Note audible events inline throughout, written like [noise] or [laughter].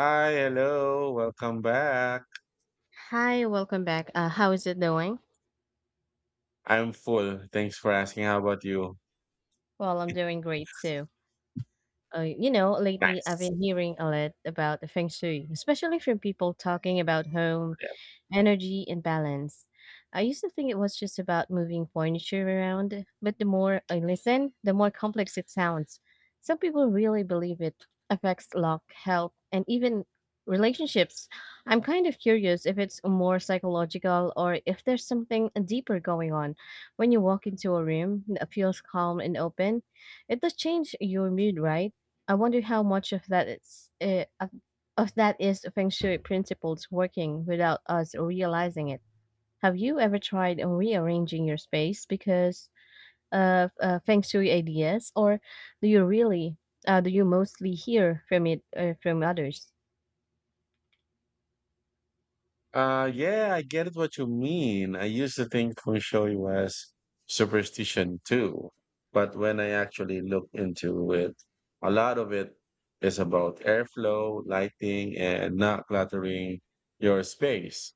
Hi, hello, welcome back. Hi, welcome back. How is it doing? I'm full. Thanks for asking. How about you? Well, I'm doing great too. Lately I've Nice. been hearing a lot about the feng shui, especially from people talking about home energy, and balance. I used to think it was just about moving furniture around, but the more I listen, the more complex it sounds. Some people really believe it affects luck, health, and even relationships. I'm kind of curious if it's more psychological or if there's something deeper going on. When you walk into a room that feels calm and open, it does change your mood, right? I wonder how much of that it's of that is feng shui principles working without us realizing it. Have you ever tried rearranging your space because of feng shui ideas, or do you really do you mostly hear from it from others? Yeah, I get what you mean. I used to think feng shui was superstition too, but when I actually look into it, a lot of it is about airflow, lighting, and not cluttering your space.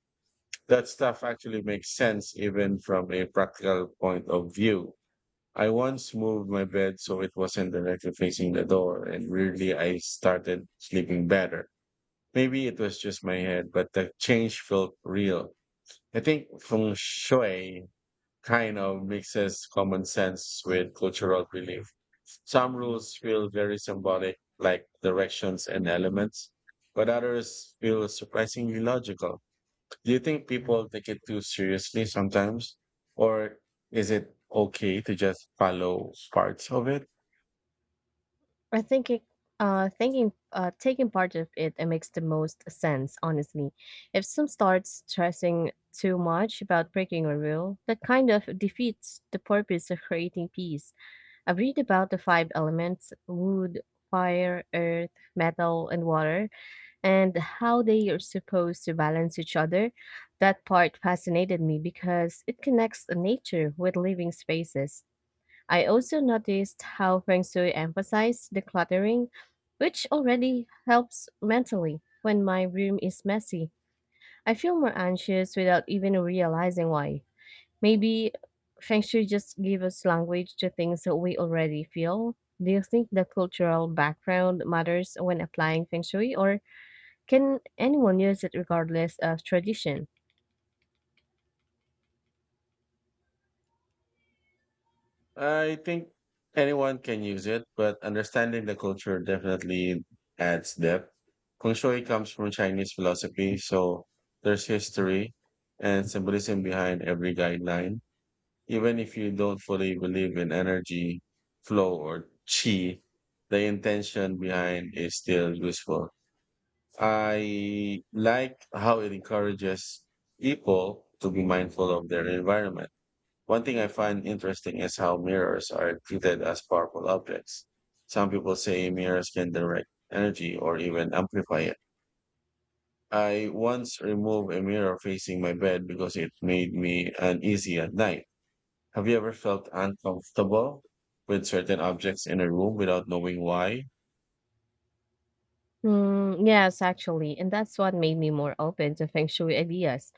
That stuff actually makes sense even from a practical point of view. I once moved my bed so it wasn't directly facing the door, and weirdly, I started sleeping better. Maybe it was just my head, but the change felt real. I think feng shui kind of mixes common sense with cultural belief. Some rules feel very symbolic, like directions and elements, but others feel surprisingly logical. Do you think people take it too seriously sometimes? Or is it okay to just follow parts of it? I think it, thinking Taking part of it, it makes the most sense, honestly. If some starts stressing too much about breaking a rule, that kind of defeats the purpose of creating peace. I've read about the five elements wood, fire, earth, metal, and water, and how they are supposed to balance each other. That part fascinated me because it connects nature with living spaces. I also noticed how Feng Shui emphasized decluttering, which already helps mentally when my room is messy. I feel more anxious without even realizing why. Maybe Feng Shui just gave us language to things that we already feel. Do you think the cultural background matters when applying Feng Shui, or can anyone use it regardless of tradition? I think anyone can use it, but understanding the culture definitely adds depth. Feng Shui comes from Chinese philosophy, so there's history and symbolism behind every guideline. Even if you don't fully believe in energy, flow, or qi, the intention behind is still useful. I like how it encourages people to be mindful of their environment. One thing I find interesting is how mirrors are treated as powerful objects. Some people say mirrors can direct energy or even amplify it. I once removed a mirror facing my bed because it made me uneasy at night. Have you ever felt uncomfortable with certain objects in a room without knowing why? Hmm, yes, actually, and that's what made me more open to Feng Shui ideas.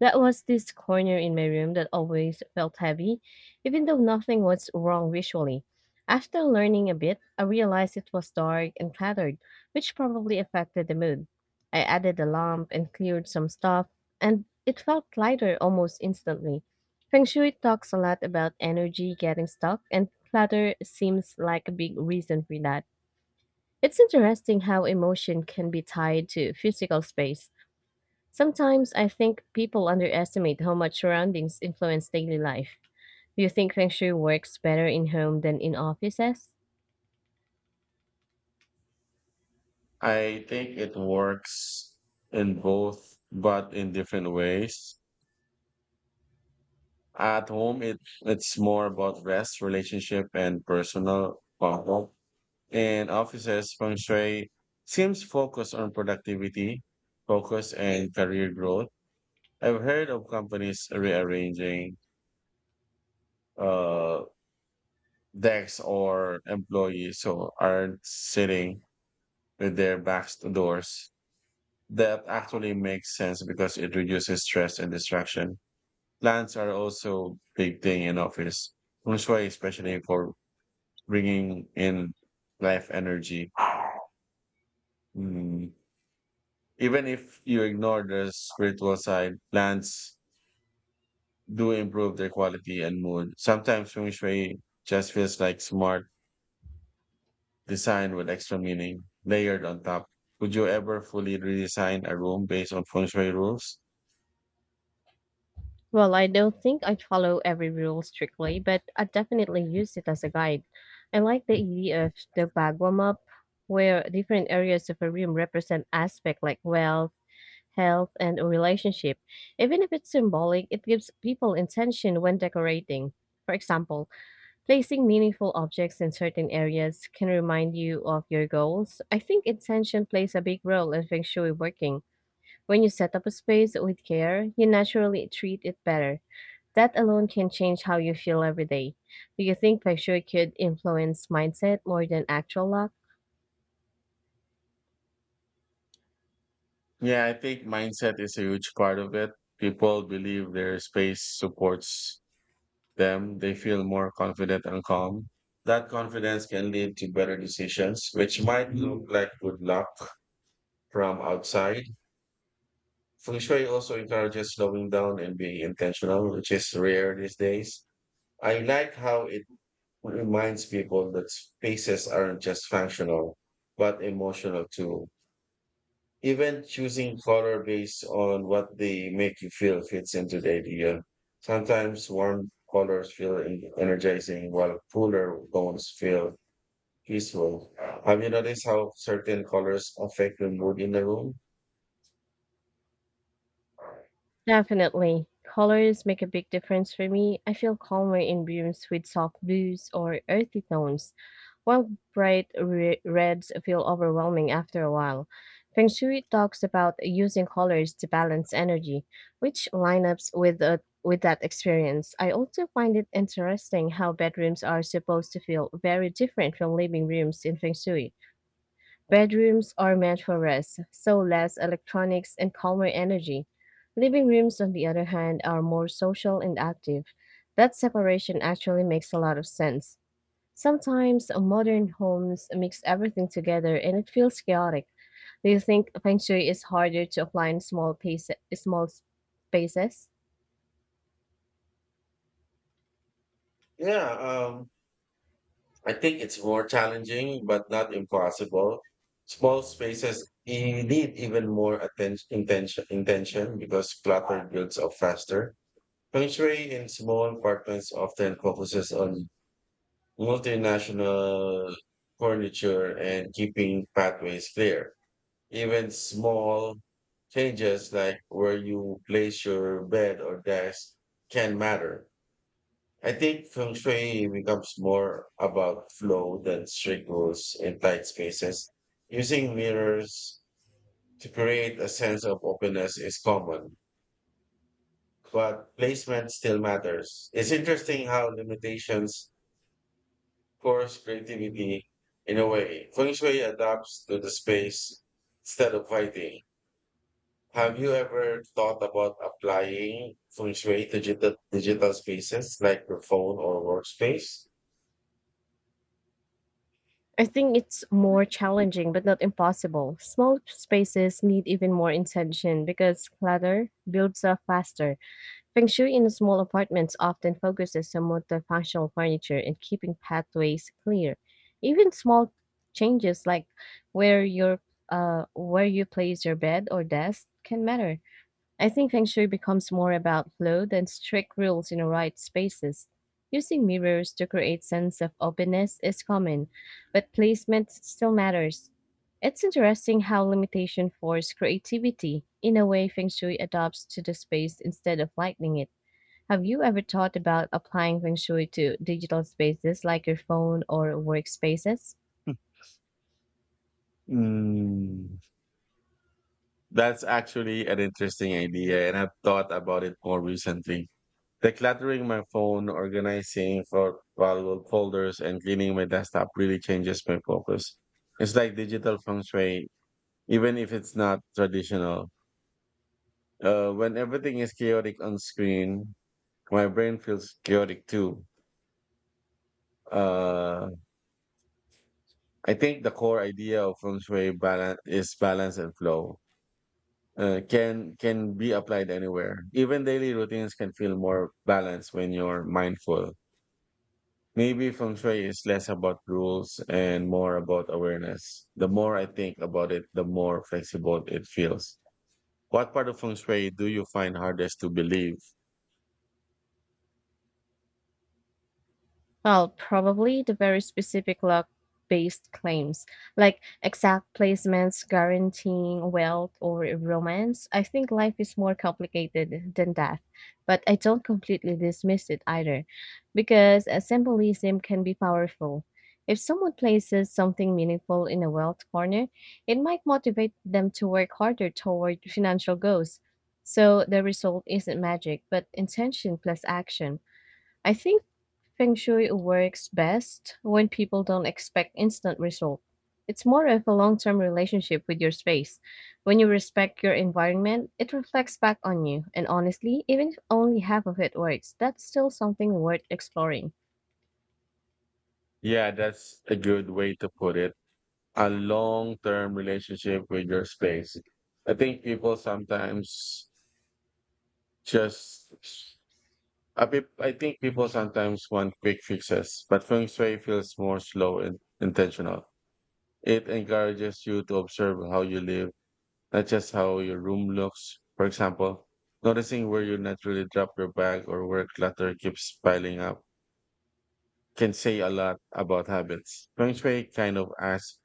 That was this corner in my room that always felt heavy, even though nothing was wrong visually. After learning a bit, I realized it was dark and cluttered, which probably affected the mood. I added a lamp and cleared some stuff, and it felt lighter almost instantly. Feng Shui talks a lot about energy getting stuck, and clutter seems like a big reason for that. It's interesting how emotion can be tied to physical space. Sometimes I think people underestimate how much surroundings influence daily life. Do you think feng shui works better in home than in offices? I think it works in both, but in different ways. At home, it's more about rest, relationship, and personal comfort. And offices feng shui seems focused on productivity, focus, and career growth. I've heard of companies rearranging uh, decks or employees who aren't sitting with their backs to doors. That actually makes sense because it reduces stress and distraction. Plants are also big thing in office. Feng shui, especially for bringing in life energy. Mm, Even if you ignore the spiritual side, plants do improve their quality and mood. Sometimes feng shui just feels like smart design with extra meaning layered on top. Would you ever fully redesign a room based on feng shui rules? Well, I don't think I follow every rule strictly, but I definitely use it as a guide. I like the idea of the Bagua map, where different areas of a room represent aspects like wealth, health, and relationship. Even if it's symbolic, it gives people intention when decorating. For example, placing meaningful objects in certain areas can remind you of your goals. I think intention plays a big role in feng shui working. When you set up a space with care, you naturally treat it better. That alone can change how you feel every day. Do you think feng shui could influence mindset more than actual luck? Yeah, I think mindset is a huge part of it. People believe their space supports them. They feel more confident and calm. That confidence can lead to better decisions, which might look like good luck from outside. Feng Shui also encourages slowing down and being intentional, which is rare these days. I like how it reminds people that spaces aren't just functional, but emotional too. Even choosing color based on what they make you feel fits into the idea. Sometimes warm colors feel energizing, while cooler tones feel peaceful. Have you noticed how certain colors affect the mood in the room? Definitely. Colors make a big difference for me. I feel calmer in rooms with soft blues or earthy tones. While bright reds feel overwhelming after a while, Feng Shui talks about using colors to balance energy, which lineups with that experience. I also find it interesting how bedrooms are supposed to feel very different from living rooms in Feng Shui. Bedrooms are meant for rest, so less electronics and calmer energy. Living rooms, on the other hand, are more social and active. That separation actually makes a lot of sense. Sometimes modern homes mix everything together and it feels chaotic. Do you think feng shui is harder to apply in small spaces? Yeah, I think it's more challenging, but not impossible. Small spaces need even more attention, intention because clutter builds up faster. Feng Shui in small apartments often focuses on multinational furniture and keeping pathways clear. Even small changes like where you place your bed or desk can matter. I think feng shui becomes more about flow than strict rules in tight spaces. Using mirrors to create a sense of openness is common, but placement still matters. It's interesting how limitations force creativity in a way. Feng shui adapts to the space instead of fighting. Have you ever thought about applying feng shui to digital spaces like your phone or workspace? I think it's more challenging, but not impossible. Small spaces need even more intention because clutter builds up faster. Feng Shui in small apartments often focuses on multifunctional furniture and keeping pathways clear. Even small changes like where your where you place your bed or desk can matter. I think Feng Shui becomes more about flow than strict rules in the right spaces. Using mirrors to create sense of openness is common, but placement still matters. It's interesting how limitation force creativity in a way Feng Shui adapts to the space instead of lightening it. Have you ever thought about applying feng shui to digital spaces like your phone or workspaces? Mm, that's actually an interesting idea, and I've thought about it more recently. Decluttering my phone, organizing for valuable folders, and cleaning my desktop really changes my focus. It's like digital feng shui, even if it's not traditional. When everything is chaotic on screen, my brain feels chaotic too. Uh, I think the core idea of feng shui balance is balance and flow. Can be applied anywhere. Even daily routines can feel more balanced when you're mindful. Maybe feng shui is less about rules and more about awareness. The more I think about it, the more flexible it feels. What part of feng shui do you find hardest to believe? Well, probably the very specific luck based claims, like exact placements guaranteeing wealth or romance. I think life is more complicated than that, but I don't completely dismiss it either, because symbolism can be powerful. If someone places something meaningful in a wealth corner, it might motivate them to work harder toward financial goals. So the result isn't magic, but intention plus action. I think feng shui works best when people don't expect instant result. It's more of a long-term relationship with your space. When you respect your environment, it reflects back on you. And honestly, even if only half of it works, that's still something worth exploring. Yeah, that's a good way to put it. A long-term relationship with your space. I think people sometimes just I think people sometimes want quick fixes, but feng shui feels more slow and intentional. It encourages you to observe how you live, not just how your room looks. For example, noticing where you naturally drop your bag or where clutter keeps piling up can say a lot about habits. Feng shui kind of asks,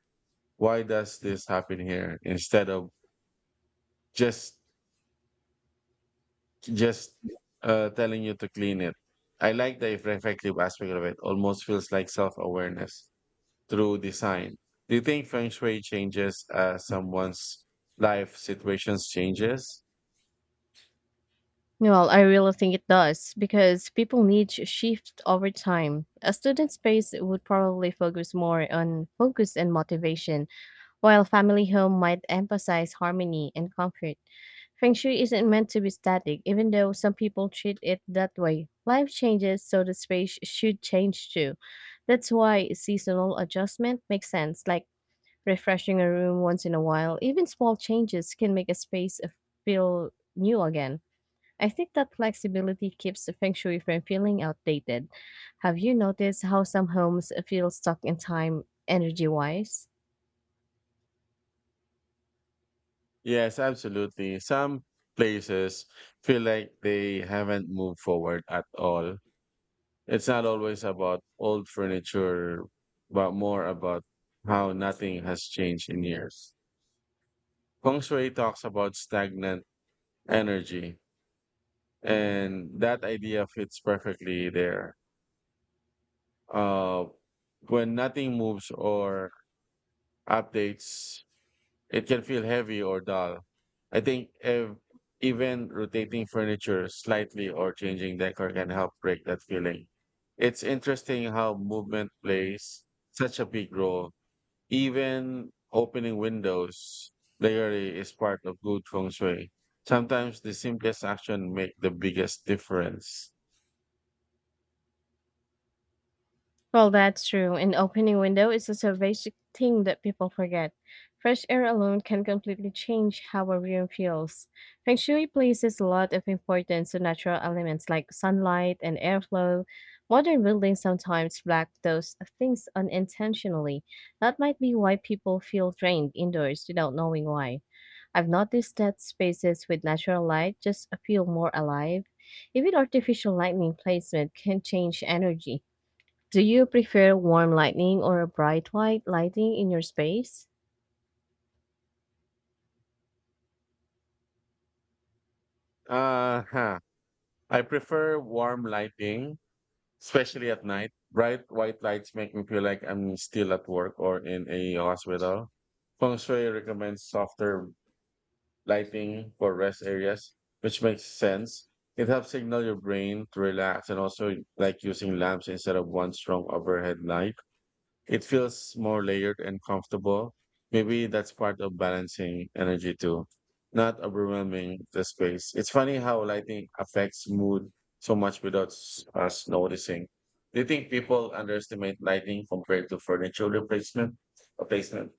why does this happen here? Instead of just, just telling you to clean it. I like the reflective aspect of it. Almost feels like self-awareness through design. Do you think feng shui changes as someone's life situations changes? Well, I really think it does because people need to shift over time. A student space would probably focus more on focus and motivation, while family home might emphasize harmony and comfort. Feng Shui isn't meant to be static, even though some people treat it that way. Life changes, so the space should change too. That's why seasonal adjustment makes sense, like refreshing a room once in a while. Even small changes can make a space feel new again. I think that flexibility keeps the Feng Shui from feeling outdated. Have you noticed how some homes feel stuck in time energy wise? Yes, absolutely. Some places feel like they haven't moved forward at all. It's not always about old furniture, but more about how nothing has changed in years. Feng shui talks about stagnant energy, and that idea fits perfectly there. Uh, when nothing moves or updates, it can feel heavy or dull. I think even rotating furniture slightly or changing decor can help break that feeling. It's interesting how movement plays such a big role. Even opening windows regularly is part of good feng shui. Sometimes the simplest action make the biggest difference. Well, that's true. An opening window is such a basic thing that people forget. Fresh air alone can completely change how a room feels. Feng Shui places a lot of importance to natural elements like sunlight and airflow. Modern buildings sometimes lack those things unintentionally. That might be why people feel drained indoors without knowing why. I've noticed that spaces with natural light just feel more alive. Even artificial lighting placement can change energy. Do you prefer warm lighting or a bright white lighting in your space? Uh huh. I prefer warm lighting. Especially at night, bright white lights make me feel like I'm still at work or in a hospital. Feng Shui recommends softer lighting for rest areas, which makes sense. It helps signal your brain to relax, and also like using lamps instead of one strong overhead light, it feels more layered and comfortable. Maybe that's part of balancing energy too, not overwhelming the space. It's funny how lighting affects mood so much without us noticing. Do you think people underestimate lighting compared to furniture replacement? Replacement.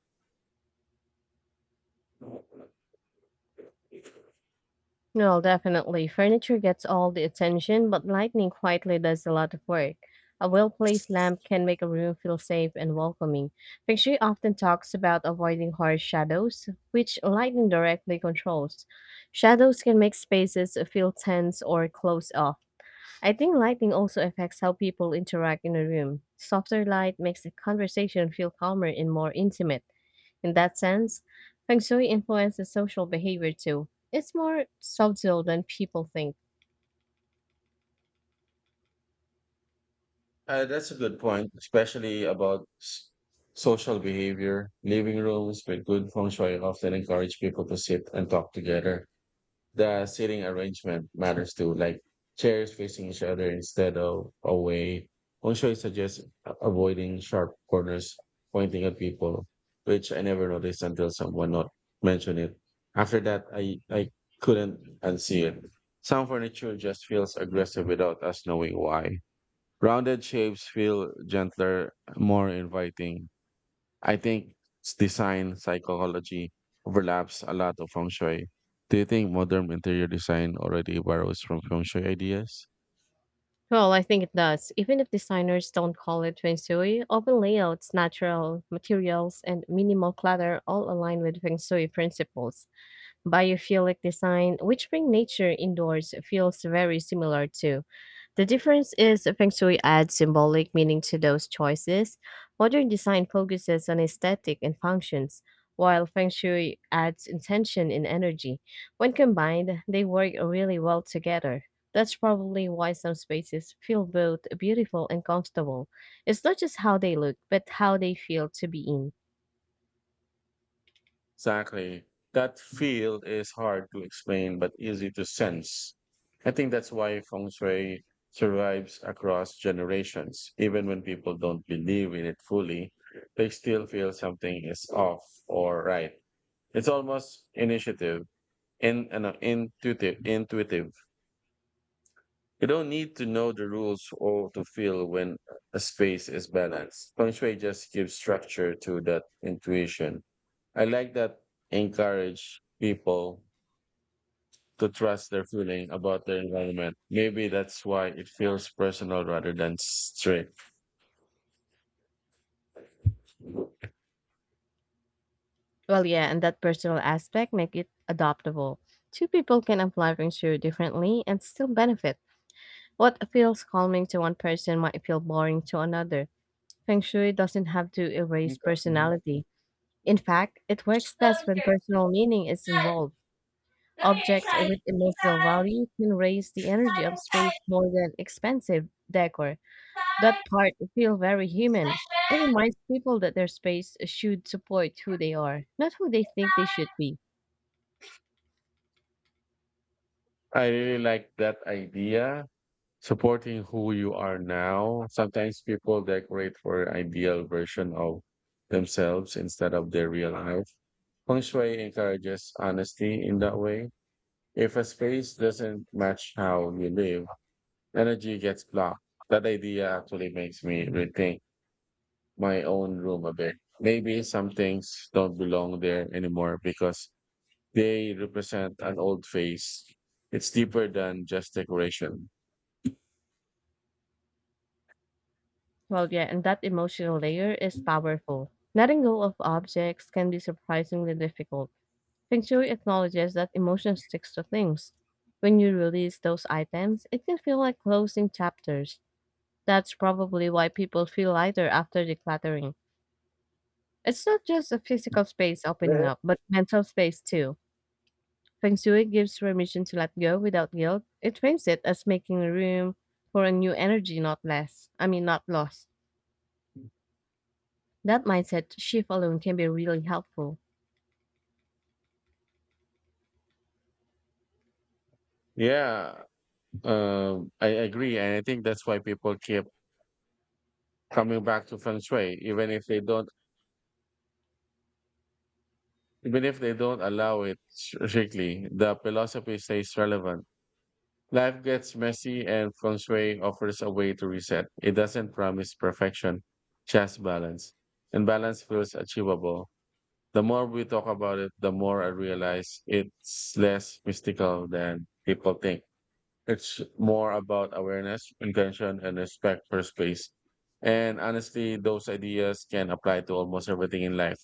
Well, definitely. Furniture gets all the attention, but lighting quietly does a lot of work. A well placed lamp can make a room feel safe and welcoming. Feng Shui often talks about avoiding harsh shadows, which lighting directly controls. Shadows can make spaces feel tense or closed off. I think lighting also affects how people interact in a room. Softer light makes a conversation feel calmer and more intimate. In that sense, feng shui influences social behavior too. It's more subtle than people think. That's a good point, especially about social behavior. Living rooms with good feng shui often encourage people to sit and talk together. The seating arrangement matters too, like chairs facing each other instead of away. Also, I suggest avoiding sharp corners pointing at people, which I never noticed until someone not mentioned it. After that, I couldn't unsee it. Some furniture just feels aggressive without us knowing why. Rounded shapes feel gentler, more inviting. I think design psychology overlaps a lot of feng shui. Do you think modern interior design already borrows from feng shui ideas? Well, I think it does. Even if designers don't call it feng shui, open layouts, natural materials, and minimal clutter all align with feng shui principles. Biophilic design, which bring nature indoors, feels very similar too. The difference is feng shui adds symbolic meaning to those choices. Modern design focuses on aesthetic and functions, while feng shui adds intention and energy. When combined, they work really well together. That's probably why some spaces feel both beautiful and comfortable. It's not just how they look, but how they feel to be in. Exactly. That field is hard to explain but easy to sense. I think that's why feng shui survives across generations. Even when people don't believe in it fully, they still feel something is off or right. It's almost initiative, in, no, intuitive, intuitive You don't need to know the rules or to feel when a space is balanced. Feng Shui just gives structure to that intuition. I like that encourage people to trust their feeling about their environment. Maybe that's why it feels personal rather than strict. Look here. Well, yeah, and that personal aspect make it adoptable. Two people can apply for insurance differently and still benefit. What feels calming to one person might feel boring to another. Feng Shui doesn't have to erase personality. In fact, it works best when personal meaning is Side. involved. Look here. Objects Inside. with emotional Inside. value can raise the energy Inside. of Inside. space more than expensive decor. That Inside. part feel very human. It Flashback. reminds people that their space should support who they are, not who they think they should Side. be. I really like that idea, supporting who you are now. Sometimes people decorate for ideal version of themselves instead of their real life. Feng Shui encourages honesty in that way. If a space doesn't match how you live, energy gets blocked. That idea actually makes me rethink my own room a bit. Maybe some things don't belong there anymore because they represent an old phase. It's deeper than just decoration. Well, yeah, and that emotional layer is powerful. Letting go of objects can be surprisingly difficult. Feng Shui acknowledges that emotion sticks to things. When you release those items, it can feel like closing chapters. That's probably why people feel lighter after decluttering. It's not just a physical space opening up, but mental space too. Feng Shui gives permission to let go without guilt. It frames it as making room for a new energy, not less. I mean, not lost. That mindset shift alone can be really helpful. Yeah, I agree, and I think that's why people keep coming back to feng shui, even if they don't allow it strictly. The philosophy stays relevant. Life gets messy, and feng shui offers a way to reset. It doesn't promise perfection, just balance, and balance feels achievable. The more we talk about it, the more I realize it's less mystical than people think. It's more about awareness, intention, and respect for space. And honestly, those ideas can apply to almost everything in life.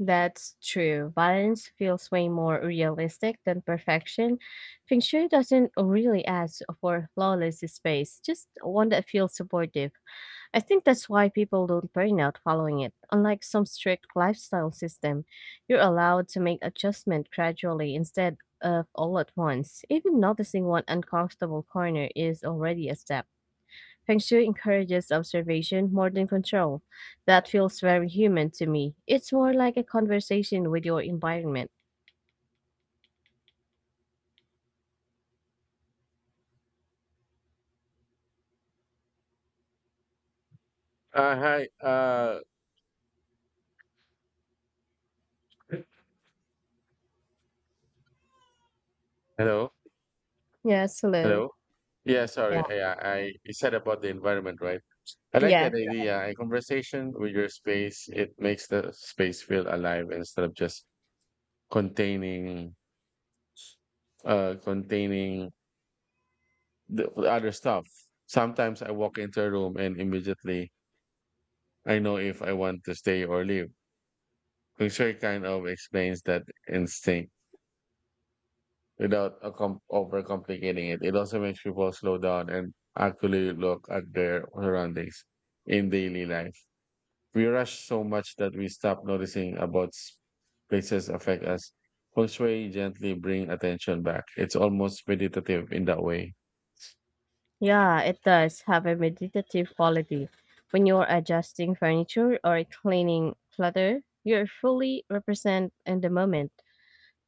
That's true. Balance feels way more realistic than perfection. Feng Shui doesn't really ask for flawless space, just one that feels supportive. I think that's why people don't burn out following it. Unlike some strict lifestyle system, you're allowed to make adjustment gradually instead of all at once. Even noticing one uncomfortable corner is already a step. Feng Shui encourages observation more than control. That feels very human to me. It's more like a conversation with your environment. Hi. Hello. Yes, hello. Hello. Yeah, Yeah. sorry. You said about the environment, right? I like Yeah. that idea. A conversation with your space, it makes the space feel alive instead of just containing, containing the other stuff. Sometimes I walk into a room and immediately I know if I want to stay or leave. Fisher kind of explains that instinct without overcomplicating it. It also makes people slow down and actually look at their surroundings in daily life. We rush so much that we stop noticing about places affect us. Feng Shui gently bring attention back. It's almost meditative in that way. Yeah, it does have a meditative quality. When you're adjusting furniture or cleaning clutter, you're fully represent in the moment.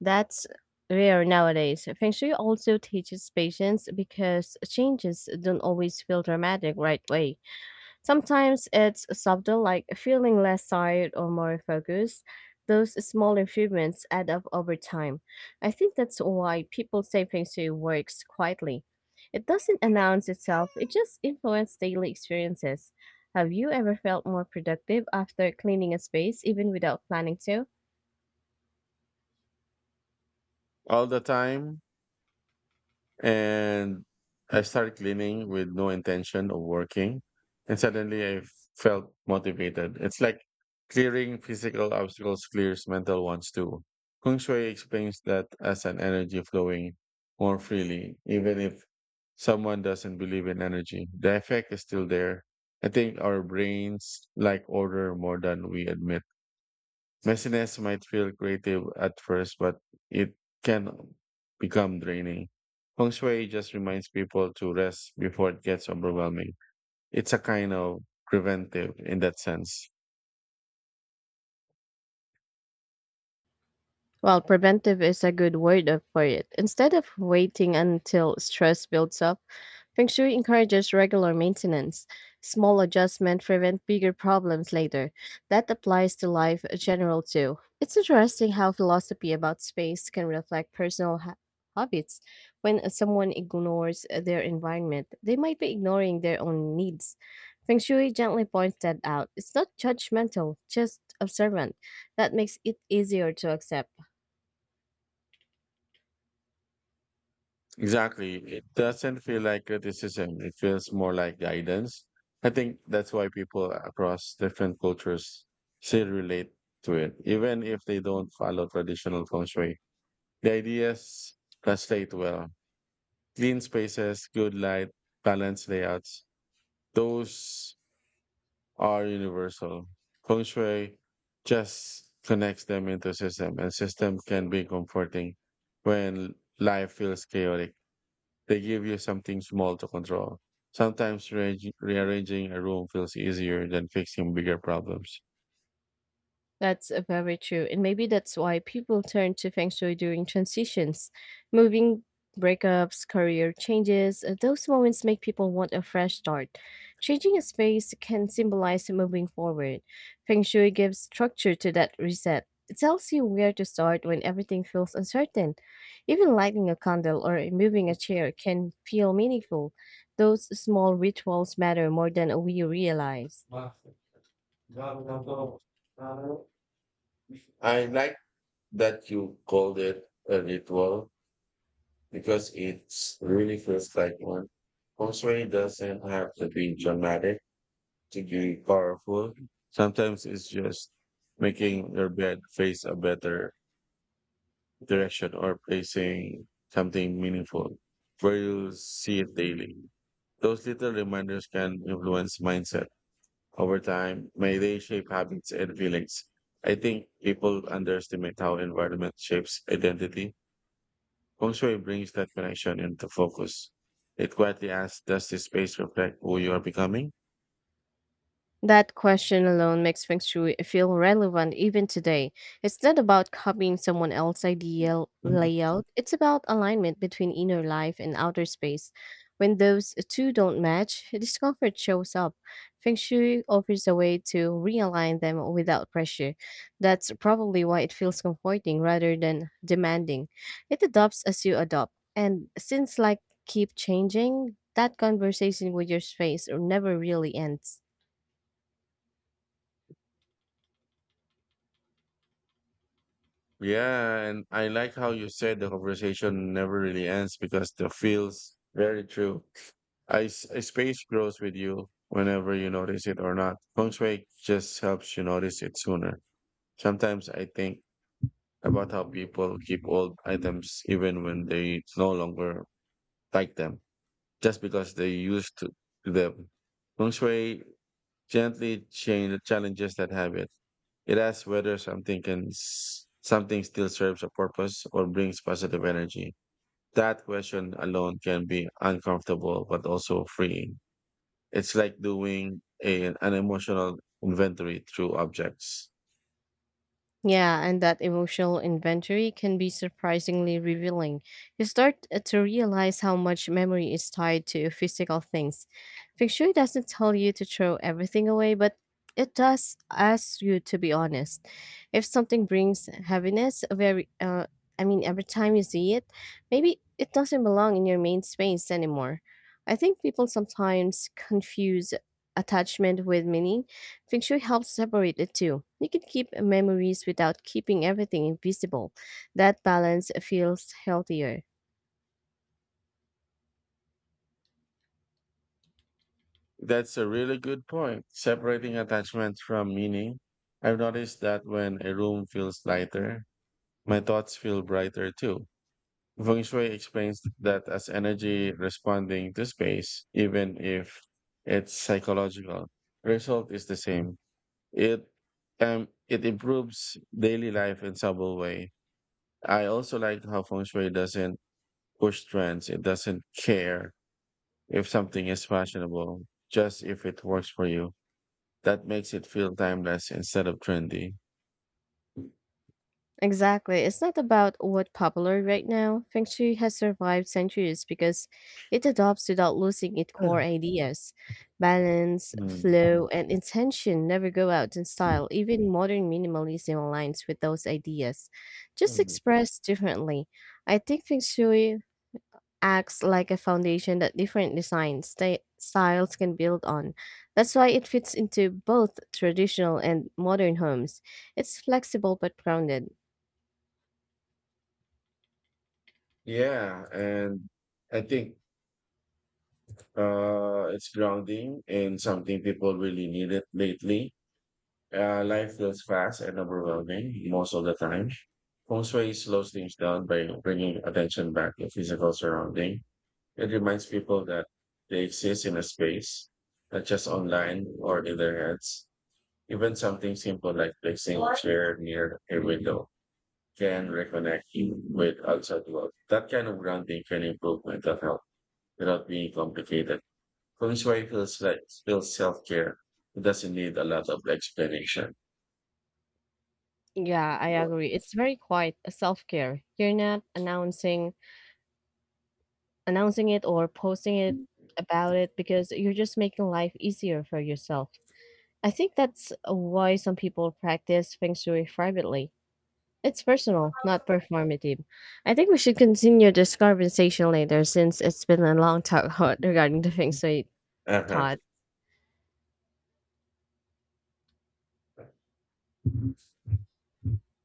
That's rare nowadays. Feng Shui also teaches patience because changes don't always feel dramatic right way. Sometimes it's subtle, like feeling less tired or more focused. Those small improvements add up over time. I think that's why people say Feng Shui works quietly. It doesn't announce itself, it just influences daily experiences. Have you ever felt more productive after cleaning a space, even without planning to? All the time. And I started cleaning with no intention of working. And suddenly I felt motivated. It's like clearing physical obstacles clears mental ones too. Kung Shui explains that as an energy flowing more freely, even if someone doesn't believe in energy, the effect is still there. I think our brains like order more than we admit. Messiness might feel creative at first, but it can become draining. Feng Shui just reminds people to rest before it gets overwhelming. It's a kind of preventive in that sense. Well, preventive is a good word up for it. Instead of waiting until stress builds up, Feng Shui encourages regular maintenance. Small adjustments prevent bigger problems later. That applies to life in general too. It's interesting how philosophy about space can reflect personal habits. When someone ignores their environment, they might be ignoring their own needs. Feng Shui gently points that out. It's not judgmental, just observant. That makes it easier to accept. Exactly. It doesn't feel like criticism. It feels more like guidance. I think that's why people across different cultures still relate to it, even if they don't follow traditional feng shui. The ideas translate well. Clean spaces, good light, balanced layouts. Those are universal. Feng Shui just connects them into system, and system can be comforting when life feels chaotic. They give you something small to control. Sometimes rearranging a room feels easier than fixing bigger problems. That's very true. And maybe that's why people turn to feng shui during transitions, moving breakups, career changes. Those moments make people want a fresh start. Changing a space can symbolize moving forward. Feng shui gives structure to that reset. It tells you where to start when everything feels uncertain. Even lighting a candle or moving a chair can feel meaningful. Those small rituals matter more than we realize. I like that you called it a ritual because it really feels like one. Poetry doesn't have to be dramatic to be powerful. Sometimes it's just making your bed face a better direction or placing something meaningful where you see it daily. Those little reminders can influence mindset over time. May they shape habits and feelings. I think people underestimate how environment shapes identity. Also, it brings that connection into focus. It quietly asks, does this space reflect who you are becoming? That question alone makes Feng Shui feel relevant even today. It's not about copying someone else's ideal Mhm. layout, it's about alignment between inner life and outer space. When those two don't match, [laughs] discomfort shows up. Feng Shui offers a way to realign them without pressure. That's probably why it feels comforting rather than demanding. It adopts as you adopt. And since like keep changing, that conversation with your space never really ends. Yeah, and I like how you said the conversation never really ends because the feels very true. A space grows with you whenever you notice it or not. Feng Shui just helps you notice it sooner. Sometimes I think about how people keep old items even when they no longer like them, just because they used to them. Feng Shui gently change challenges that habit. It asks whether something still serves a purpose or brings positive energy. That question alone can be uncomfortable but also freeing. It's like doing an emotional inventory through objects. Yeah, and that emotional inventory can be surprisingly revealing. You start to realize how much memory is tied to physical things. Fixture doesn't tell you to throw everything away, but it does ask you to be honest. If something brings heaviness, very I mean, every time you see it, maybe it doesn't belong in your main space anymore. I think people sometimes confuse attachment with meaning. Feng Shui helps separate the two. You can keep memories without keeping everything invisible. That balance feels healthier. That's a really good point. Separating attachment from meaning. I've noticed that when a room feels lighter, my thoughts feel brighter too. Feng Shui explains that as energy responding to space, even if it's psychological, result is the same. It it improves daily life in subtle way. I also like how Feng Shui doesn't push trends. It doesn't care if something is fashionable, just if it works for you. That makes it feel timeless instead of trendy. Exactly. It's not about what's popular right now. Feng Shui has survived centuries because it adopts without losing its core ideas. Balance, Mm. flow, and intention never go out in style. Even modern minimalism aligns with those ideas, just Mm. expressed differently. I think Feng Shui acts like a foundation that different design styles can build on. That's why it fits into both traditional and modern homes. It's flexible but grounded. Yeah, and I think it's grounding in something people really need it lately. Life feels fast and overwhelming most of the time. Feng Shui slows things down by bringing attention back to physical surrounding. It reminds people that they exist in a space, not just online or in their heads. Even something simple like placing a chair near a window can reconnect you with outside world. That kind of grounding can improve mental health without being complicated. Konnichiwa feels like still self care. It doesn't need a lot of explanation. Yeah, I agree. It's very quiet, a self-care. You're not announcing it or posting it about it because you're just making life easier for yourself. I think that's why some people practice feng shui privately. It's personal, not performative. I think we should continue this conversation later since it's been a long talk [laughs] regarding the Feng Shui Uh thought. huh.